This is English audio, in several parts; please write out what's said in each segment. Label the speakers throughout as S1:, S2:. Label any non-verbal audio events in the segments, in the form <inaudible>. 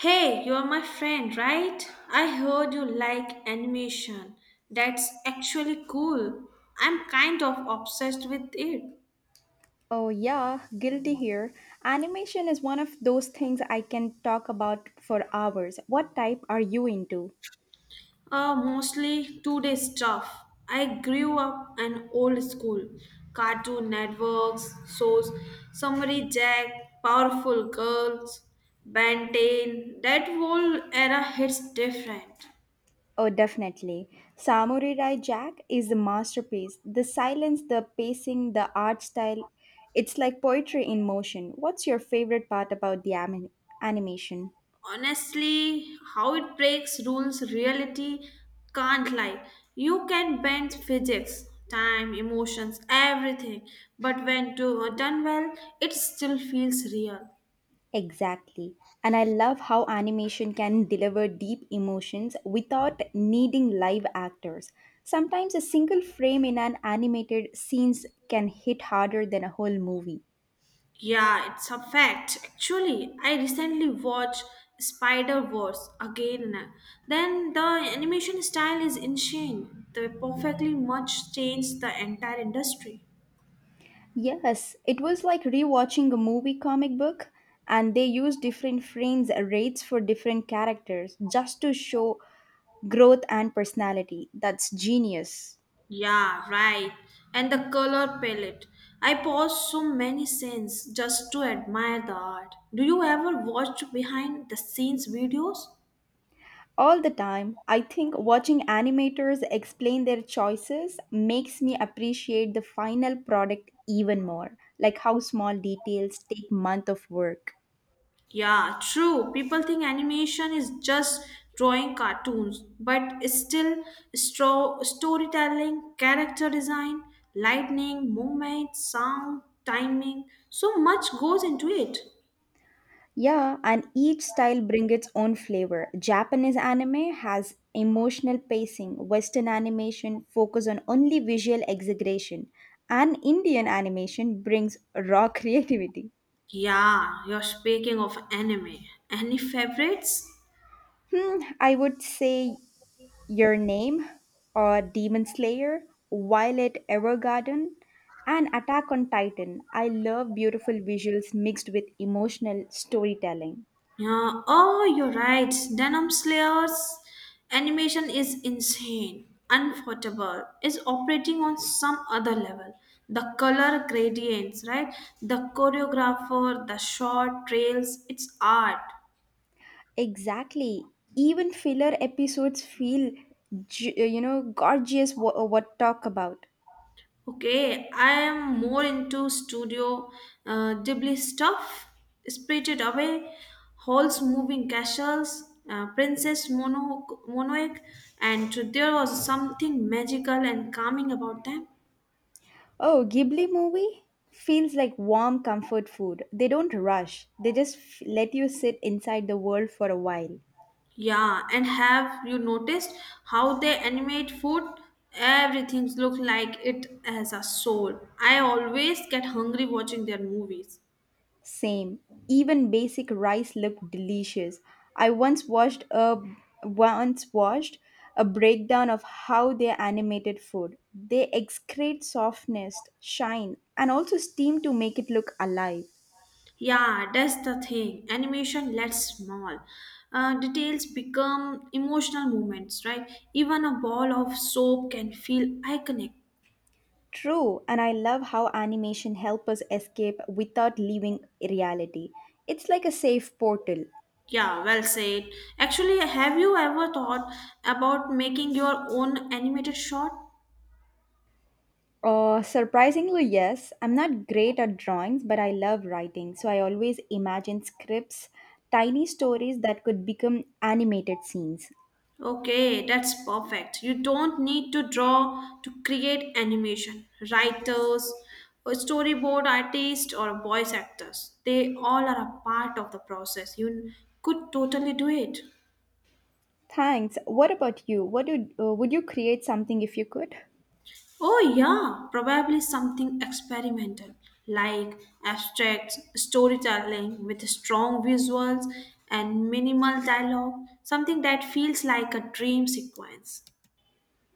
S1: Hey, you're my friend, right? I heard you like animation. That's actually cool. I'm kind of obsessed with it.
S2: Oh, yeah, guilty here. Animation is one of those things I can talk about for hours. What type are you into?
S1: Mostly two-day stuff. I grew up an old school. Cartoon networks, shows, Summary Jack, Powerful Girls, Ben 10. That whole era hits different.
S2: Oh, definitely. Samurai Jack is a masterpiece. The silence, the pacing, the art style, it's like poetry in motion. What's your favorite part about the animation?
S1: Honestly, how it breaks rules reality, can't lie. You can bend physics, time, emotions, everything. But when done well, it still feels real.
S2: Exactly. And I love how animation can deliver deep emotions without needing live actors. Sometimes a single frame in an animated scenes can hit harder than a whole movie.
S1: Yeah, it's a fact. Actually, I recently watched Spider Wars again. Then the animation style is insane. They perfectly much changed the entire industry.
S2: Yes, it was like rewatching a movie comic book and they use different frames rates for different characters just to show growth and personality. That's genius.
S1: Yeah, right. And the color palette. I pause so many scenes just to admire the art. Do you ever watch behind the scenes videos?
S2: All the time, I think watching animators explain their choices makes me appreciate the final product even more, like how small details take months of work.
S1: Yeah, true. People think animation is just drawing cartoons, but it's still storytelling, character design, lightning, movement, sound, timing. So much goes into it.
S2: Yeah, and each style brings its own flavor. Japanese anime has emotional pacing, western animation focus on only visual exaggeration, and Indian animation brings raw <laughs> creativity.
S1: Yeah, you're speaking of anime. Any favorites?
S2: I would say Your Name, or Demon Slayer, Violet Evergarden, and Attack on Titan. I love beautiful visuals mixed with emotional storytelling.
S1: Yeah. Oh, you're right. Denim Slayer's animation is insane, unforgettable. Is operating on some other level. The color gradients, right? The choreographer, the short trails. It's art.
S2: Exactly. Even filler episodes feel gorgeous. What talk about?
S1: Okay, I am more into studio Ghibli stuff. Spirited Away, Halls Moving Castles, Princess Mononoke, and there was something magical and calming about them.
S2: Oh, Ghibli movie feels like warm comfort food. They don't rush. They just let you sit inside the world for a while.
S1: Yeah, and have you noticed how they animate food? Everything looks like it has a soul. I always get hungry watching their movies.
S2: Same. Even basic rice looked delicious. I once watched a breakdown of how they animated food. They excrete softness, shine, and also steam to make it look alive.
S1: Yeah, that's the thing. Animation lets small details become emotional moments, right? Even a ball of soap can feel iconic.
S2: True, and I love how animation help us escape without leaving reality. It's like a safe portal.
S1: Yeah, well said. Actually, have you ever thought about making your own animated short?
S2: Surprisingly, yes. I'm not great at drawings, but I love writing. So I always imagine scripts, tiny stories that could become animated scenes.
S1: Okay, that's perfect. You don't need to draw to create animation. Writers, or storyboard artists, or voice actors, they all are a part of the process. You could totally do it.
S2: Thanks. What about you? What would you create something if you could?
S1: Oh, yeah, probably something experimental like abstract storytelling with strong visuals and minimal dialogue, something that feels like a dream sequence.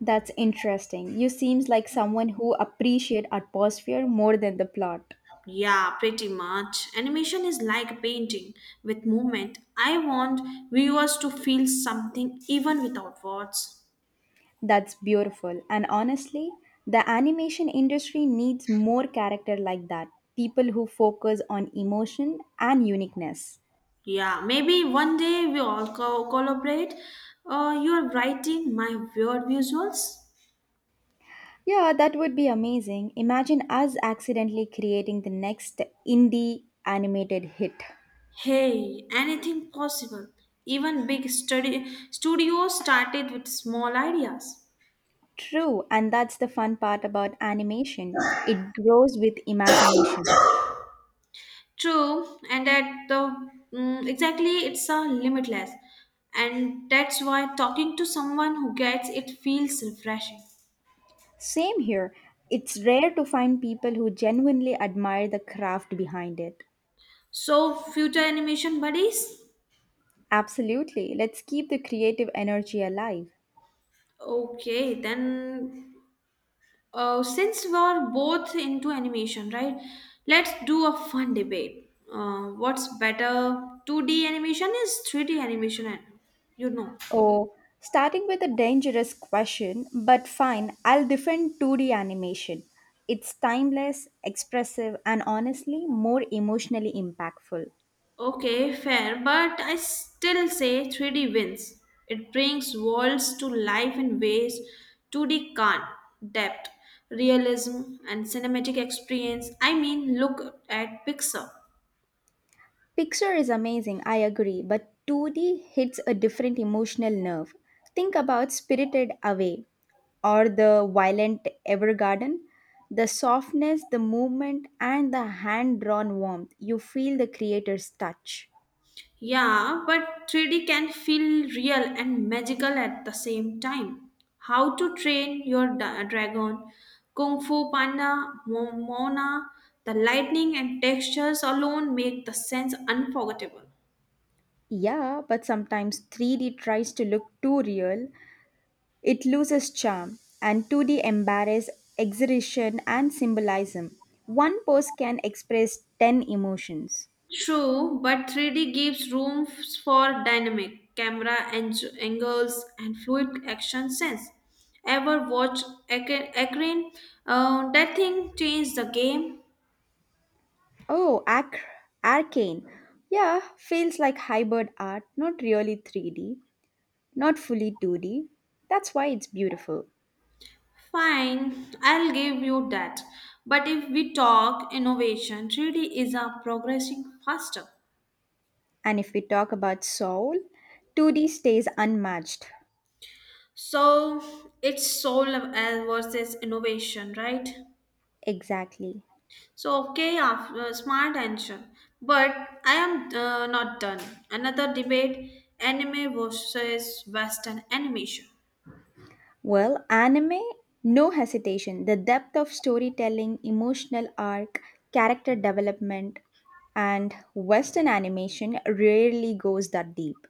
S2: That's interesting. You seems like someone who appreciate atmosphere more than the plot.
S1: Yeah, pretty much. Animation is like a painting with movement. I want viewers to feel something even without words.
S2: That's beautiful. And honestly, the animation industry needs more character like that. People who focus on emotion and uniqueness.
S1: Yeah, maybe one day we all collaborate. You are writing my weird visuals.
S2: Yeah, that would be amazing. Imagine us accidentally creating the next indie animated hit.
S1: Hey, anything possible. Even big study studios started with small ideas.
S2: True, and that's the fun part about animation. It grows with imagination.
S1: True, and exactly it's a limitless, and that's why talking to someone who gets it feels refreshing.
S2: Same here. It's rare to find people who genuinely admire the craft behind it.
S1: So, future animation buddies.
S2: Absolutely. Let's keep the creative energy alive.
S1: Okay, then since we're both into animation, right? Let's do a fun debate. What's better, 2D animation is 3D animation, and you know.
S2: Oh, starting with a dangerous question, but fine, I'll defend 2D animation. It's timeless, expressive, and honestly more emotionally impactful.
S1: Okay, fair, but I still say 3D wins. It brings worlds to life in ways 2D can't. Depth, realism, and cinematic experience. I mean, look at Pixar.
S2: Pixar is amazing, I agree, but 2D hits a different emotional nerve. Think about Spirited Away or the Violent Evergarden. The softness, the movement, and the hand drawn warmth, you feel the creator's touch.
S1: Yeah, but 3D can feel real and magical at the same time. How to Train Your Dragon, Kung Fu Panda, Mona, the lightning and textures alone make the sense unforgettable.
S2: Yeah, but sometimes 3D tries to look too real. It loses charm, and 2D embarrass exaggeration and symbolism. One post can express 10 emotions.
S1: True, but 3D gives room for dynamic camera angles and fluid action sense. Ever watch Akrin? That thing changed the game.
S2: Oh, ac- Arcane. Yeah, feels like hybrid art, not really 3D, not fully 2D. That's why it's beautiful.
S1: Fine, I'll give you that. But if we talk innovation, 3D is a progressing faster.
S2: And if we talk about soul, 2D stays unmatched.
S1: So it's soul versus innovation, right?
S2: Exactly.
S1: So, okay, after smart answer. But I am not done. Another debate anime versus Western animation.
S2: Well, anime, no hesitation. The depth of storytelling, emotional arc, character development, and Western animation rarely goes that deep.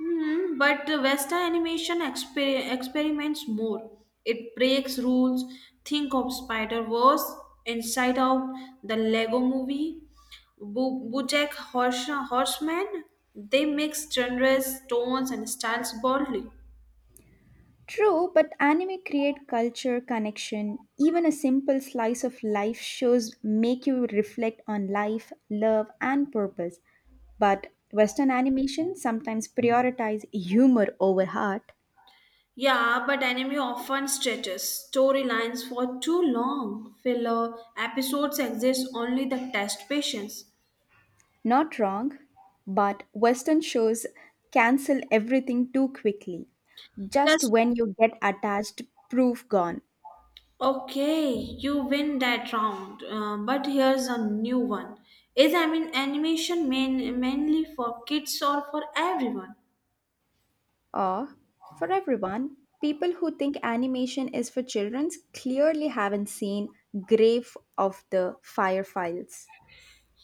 S1: Hmm, but the Western animation experiments more. It breaks rules. Think of Spider Verse, Inside Out, the Lego movie, Bojack Horseman. They mix genres, tones, and styles boldly.
S2: True, but anime create culture connection. Even a simple slice of life shows make you reflect on life, love, and purpose. But Western animation sometimes prioritize humor over heart.
S1: Yeah, but anime often stretches storylines for too long. Filler episodes exist only to test patience.
S2: Not wrong, but Western shows cancel everything too quickly. Just
S1: That's
S2: when you get attached, proof gone.
S1: okay. You win that round. But here's a new one. Is I mean animation mainly for kids or for everyone?
S2: Or, for everyone, people who think animation is for children clearly haven't seen Grave of the Fire Files.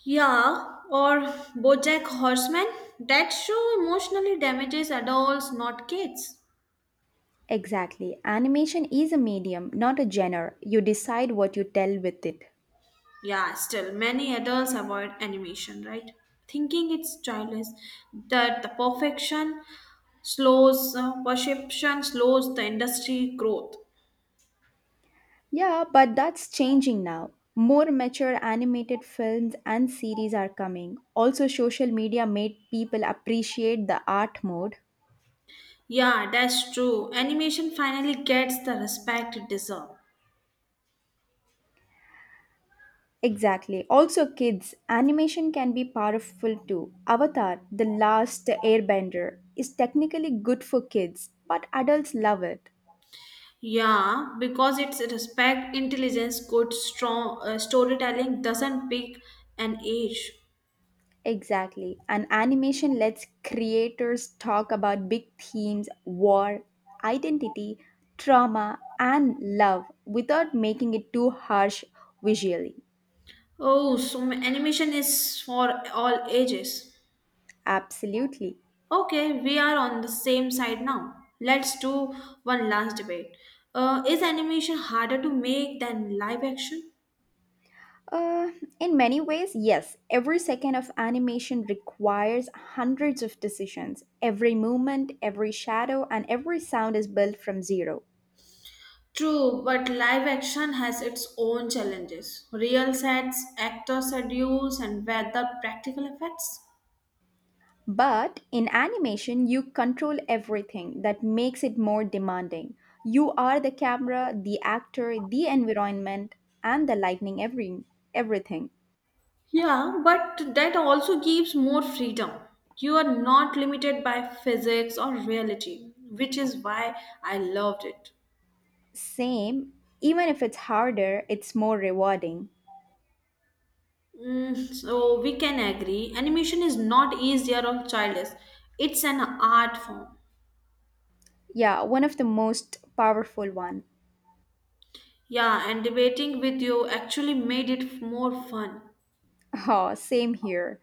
S1: Yeah, or BoJack Horseman. That show emotionally damages adults, not kids.
S2: Exactly. Animation is a medium, not a genre. You decide what you tell with it.
S1: Yeah, still, many adults avoid animation, right? Thinking it's childish, that the perception slows the industry growth.
S2: Yeah, but that's changing now. More mature animated films and series are coming. Also, social media made people appreciate the art mode.
S1: Yeah, that's true. Animation finally gets the respect it deserves.
S2: Exactly. Also, kids, animation can be powerful too. Avatar, The Last Airbender, is technically good for kids, but adults love it.
S1: Yeah, because it's respect, intelligence, good, strong storytelling doesn't pick an age.
S2: Exactly. And animation lets creators talk about big themes, war, identity, trauma, and love without making it too harsh visually.
S1: Oh, so animation is for all ages.
S2: Absolutely.
S1: Okay, we are on the same side now. Let's do one last debate. Is animation harder to make than live action?
S2: Uh, in many ways, yes, every second of animation requires hundreds of decisions. Every movement, every shadow, and every sound is built from zero.
S1: True, but live action has its own challenges. Real sets, actor schedules, and weather practical effects.
S2: But in animation, you control everything that makes it more demanding. You are the camera, the actor, the environment, and the lightning, everything.
S1: Yeah, but that also gives more freedom. You are not limited by physics or reality, which is why I loved it.
S2: Same, even if it's harder, it's more rewarding.
S1: So we can agree animation is not easier or childish. It's an art form.
S2: Yeah, one of the most powerful one.
S1: Yeah, and debating with you actually made it more fun.
S2: <laughs> Oh, same here.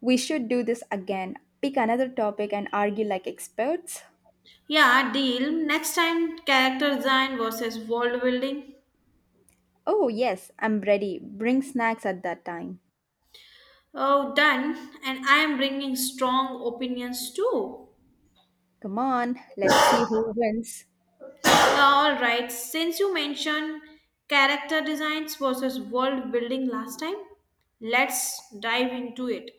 S2: We should do this again. Pick another topic and argue like experts.
S1: Yeah, deal. Next time, character design versus world building.
S2: Oh, yes, I'm ready. Bring snacks at that time.
S1: Oh, done. And I am bringing strong opinions too.
S2: Come on, let's see who wins.
S1: All right, since you mentioned character designs versus world building last time, let's dive into it.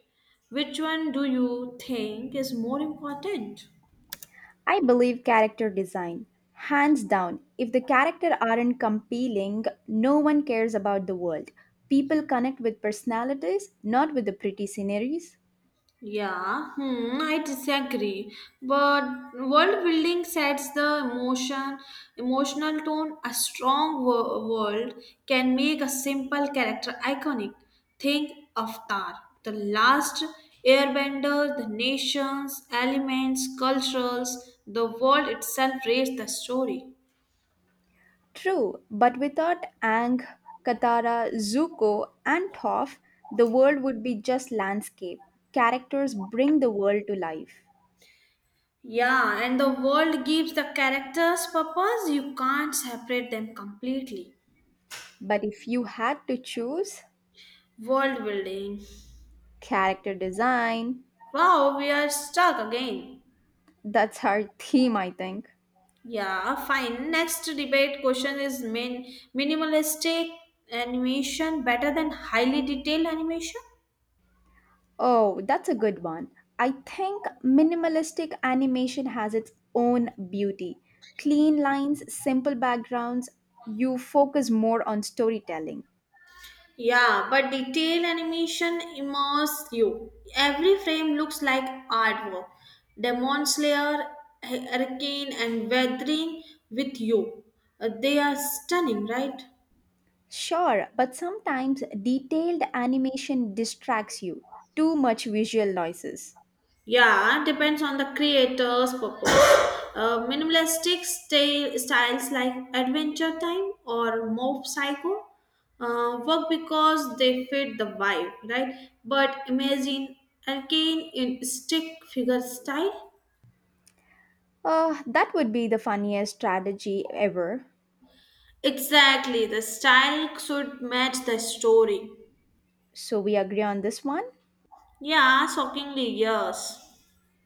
S1: Which one do you think is more important?
S2: I believe character design. Hands down, if the character aren't compelling, no one cares about the world. People connect with personalities, not with the pretty sceneries.
S1: Yeah, I disagree. But world building sets the emotional tone. A strong world can make a simple character iconic. Think Avatar, the last airbender, the nations, elements, cultures, the world itself raised the story.
S2: True, but without Ang, Katara, Zuko, and Toph, the world would be just landscape. Characters bring the world to life.
S1: Yeah, and the world gives the characters purpose. You can't separate them completely.
S2: But if you had to choose,
S1: World building.
S2: character design,
S1: Wow, we are stuck again.
S2: that's our <laughs> theme, I think.
S1: Yeah, fine. Next debate question is minimalistic animation better than highly detailed animation?
S2: Oh, that's a good one. I think minimalistic animation has its own beauty. Clean lines, simple backgrounds, you focus more on storytelling.
S1: Yeah, but detailed animation immerses you. Every frame looks like artwork. Demon Slayer, Hurricane, and Weathering with you. They are stunning, right?
S2: Sure, but sometimes detailed animation distracts you. Too much visual noises.
S1: Yeah, depends on the creator's purpose. Minimalistic styles like Adventure Time or Mob Psycho work because they fit the vibe, right? But imagine again in stick figure style.
S2: That would be the funniest strategy ever.
S1: Exactly, the style should match the story.
S2: So we agree on this one?
S1: Yeah, shockingly, yes.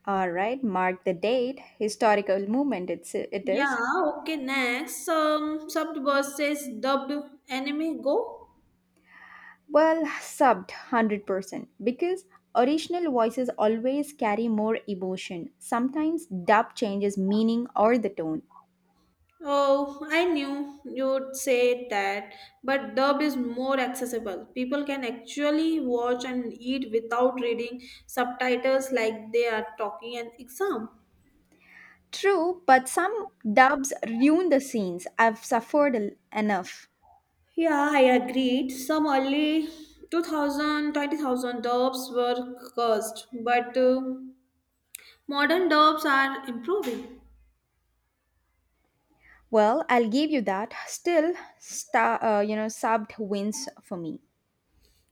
S2: All right, mark the date. Historical moment it
S1: Yeah,
S2: is.
S1: okay, next. Subverse says dubbed anime go.
S2: Well, subbed 100% because original voices always carry more emotion. Sometimes dub changes meaning or the tone.
S1: Oh, I knew you'd say that, but dubbed is more accessible. People can actually watch and eat without reading subtitles like they are talking an exam.
S2: True, but some dubs ruin the scenes. I've suffered enough.
S1: Yeah, I agreed. Some early 2000, 20,000 dubs were cursed, but modern dubs are improving.
S2: Well, I'll give you that. Still, subbed wins for me.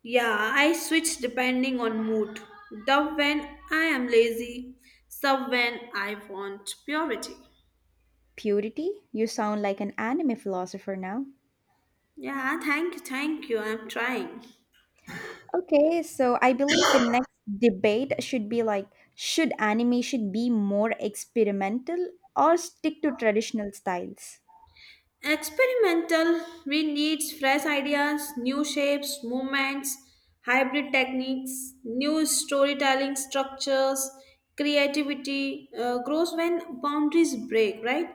S1: Yeah, I switch depending on mood. Dub when I am lazy, sub when I want purity.
S2: Purity, you sound like an anime philosopher now.
S1: Yeah, thank you, thank you. I'm trying.
S2: Okay, so I believe the next debate should be like should animation be more experimental or stick to traditional styles?
S1: Experimental, we need fresh ideas, new shapes, movements, hybrid techniques, new storytelling structures, creativity grows when boundaries break, right?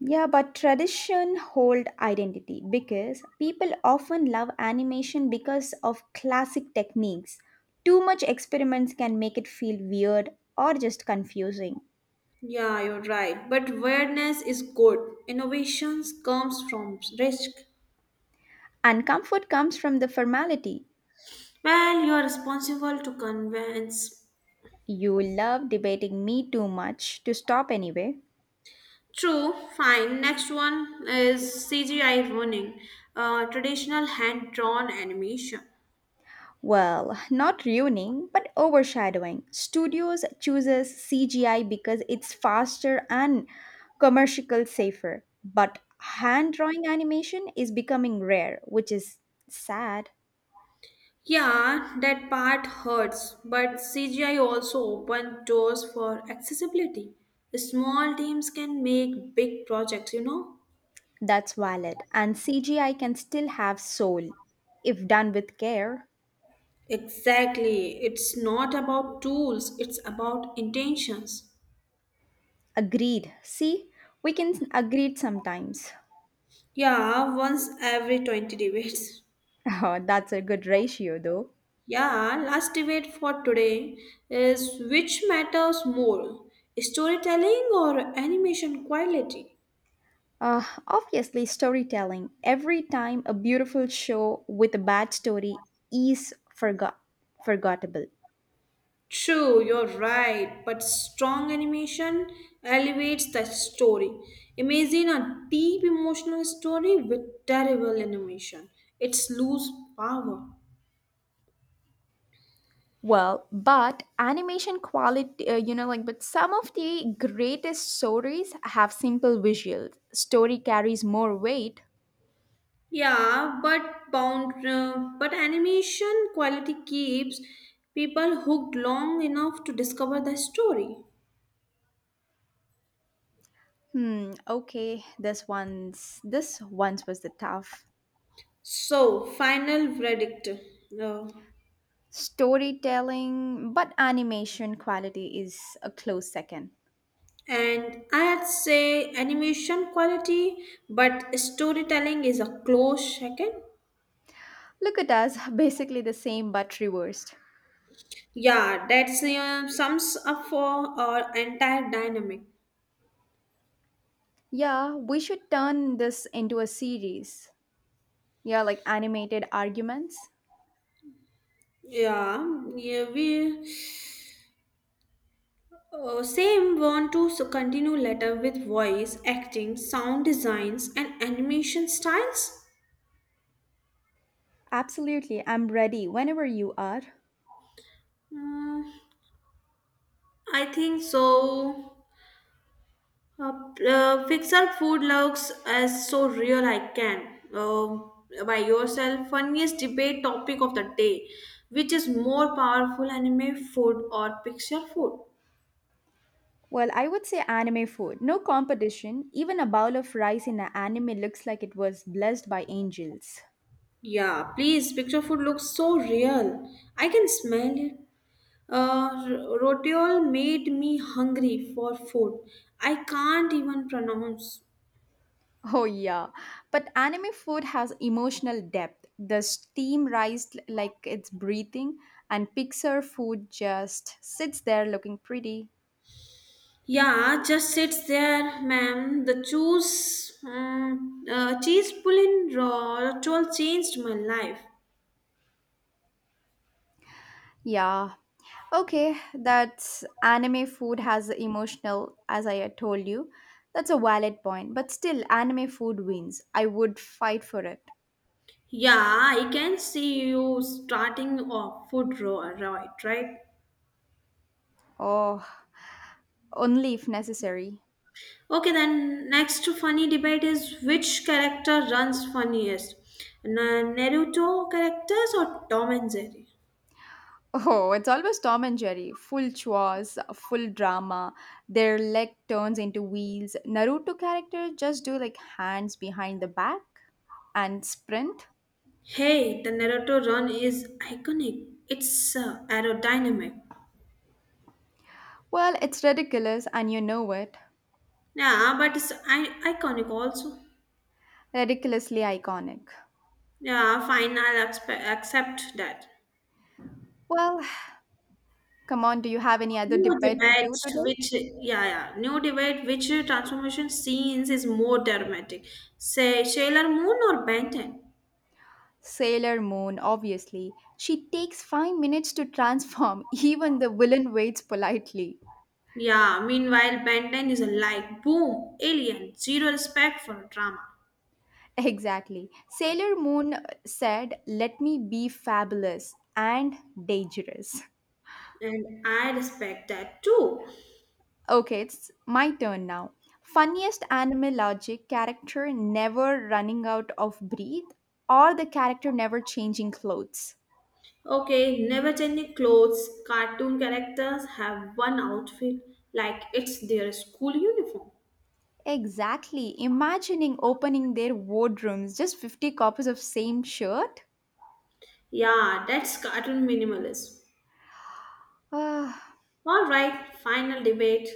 S2: Yeah, but tradition hold identity because people often love animation because of classic techniques. Too much experiments can make it feel weird or just confusing.
S1: Yeah, you're right. But awareness is good. Innovations comes from risk.
S2: And comfort comes from the formality.
S1: Well, you are responsible to convince.
S2: You love debating me too much to stop anyway.
S1: True, fine. Next one is CGI running, traditional hand drawn animation.
S2: Well, not ruining, but overshadowing. Studios chooses CGI because it's faster and commercial safer, but hand drawing animation is becoming rare, which is sad.
S1: Yeah, that part hurts, but CGI also opened doors for accessibility. Small teams can make big projects, you know?
S2: That's valid, and CGI can still have soul if done with care.
S1: Exactly. It's not about tools, it's about intentions.
S2: Agreed. See, we can agreed sometimes. <laughs>
S1: Yeah, once every 20 debates.
S2: Oh, that's a good ratio though.
S1: Yeah, last debate for today is which matters more, storytelling or animation quality?
S2: Obviously, storytelling. Every time a beautiful show with a bad story is forgot forgettable.
S1: True, you're right, but strong animation elevates the story. Imagine a deep emotional story with terrible animation. It's lose power.
S2: Well, but animation quality, but some of the greatest stories have simple visuals. Story carries more weight.
S1: Yeah, but animation quality keeps people hooked long enough to discover the story.
S2: Hmm. Okay, this one's was the tough
S1: So, final verdict. No.
S2: storytelling, but animation quality is a close second.
S1: And I'd say animation quality, but storytelling is a close second.
S2: Look at us, <laughs> basically the same but reversed.
S1: Yeah, that's sums up for our entire dynamic.
S2: Yeah, we should turn this into a series. Yeah, like animated arguments.
S1: Yeah, yeah, we same want to continue later with voice, acting, sound designs, and animation styles.
S2: Absolutely, I'm ready whenever you are.
S1: Mm, I think so. Fix our food looks as so real I can. By yourself, funniest debate topic of the day, which is more powerful anime food or picture food?
S2: Well, I would say anime food. No competition. Even a bowl of rice in an anime looks like it was blessed by angels. <laughs>
S1: Yeah, please. Picture food looks so real. I can smell it. Rotiol made me hungry for food. I can't even pronounce.
S2: Oh, yeah. But anime food has emotional depth. The steam rises like it's breathing, and Pixar food just sits there looking pretty.
S1: Yeah, just sits there, ma'am. The cheese pulling roll changed my life.
S2: Yeah. Okay, that's anime food has emotional, as I had told you. That's a valid point, but still, anime food wins. I would fight for it.
S1: Yeah, I can see you starting off food roll, right? Right.
S2: Oh, only if necessary. <laughs>
S1: Okay, then next funny debate is which character runs funniest, Naruto characters or Tom and Jerry?
S2: Oh, it's always Tom and Jerry. Full chores, full drama. Their leg turns into wheels. Naruto characters just do like hands behind the back and sprint.
S1: Hey, the Naruto run is iconic. It's aerodynamic.
S2: Well, it's ridiculous, and you know it.
S1: Yeah, but it's iconic also.
S2: Ridiculously iconic.
S1: Yeah, fine. I'll accept that.
S2: Well, come on, do you have any other
S1: New
S2: debate to
S1: debate,
S2: do today?
S1: which transformation scenes is more dramatic? Say Sailor Moon or Ben 10?
S2: Sailor Moon, obviously. She takes 5 minutes to transform, <laughs> even the villain waits politely.
S1: Yeah. Meanwhile, Ben 10 is like boom, alien, zero respect for drama,
S2: Exactly. Sailor Moon said, let me be fabulous and dangerous.
S1: and I respect that too.
S2: Okay, it's my turn now. Funniest anime logic character never running out of breath or the character never changing clothes.
S1: Okay, never changing clothes. Cartoon characters have one outfit, like it's their school uniform.
S2: Exactly. Imagining opening their wardrobes, just 50 copies of same shirt.
S1: Yeah, that's cartoon minimalism.
S2: Ah,
S1: All right, final debate.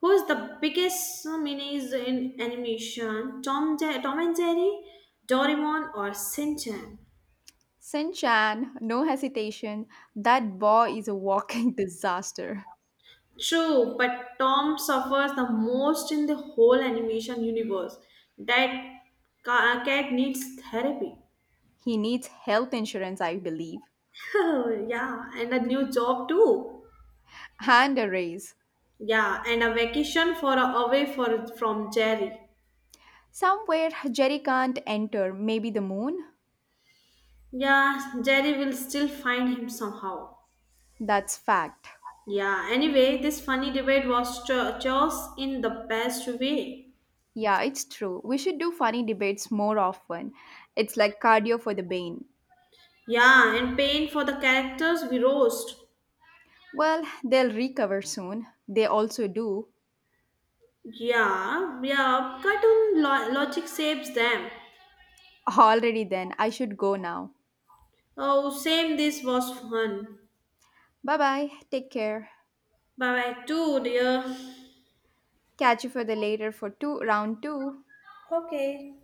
S1: Who is the biggest menace in animation? Tom and Jerry, Doraemon, or Shinchan?
S2: Sinchan, no hesitation. That boy is a walking <laughs> disaster.
S1: True, but Tom suffers the most in the whole animation universe. That cat needs therapy. <laughs>
S2: He needs health insurance, I believe,
S1: Oh, yeah, and a new job too.
S2: and a raise.
S1: Yeah, and a vacation for a away for from Jerry.
S2: Somewhere Jerry can't enter, maybe the moon.
S1: Yeah, Jerry will still find him somehow.
S2: That's fact.
S1: Yeah, anyway, this funny debate was chose in the best way.
S2: Yeah, it's true. We should do funny debates more often. It's like cardio for the brain.
S1: Yeah, and pain for the characters we roast.
S2: Well, they'll recover soon. They also do.
S1: Yeah, yeah, cartoon logic saves them.
S2: Already then, I should go now.
S1: Oh, same, this was fun.
S2: Bye bye, take care.
S1: Bye bye, too, dear.
S2: Catch you for the later for two round two.
S1: Okay.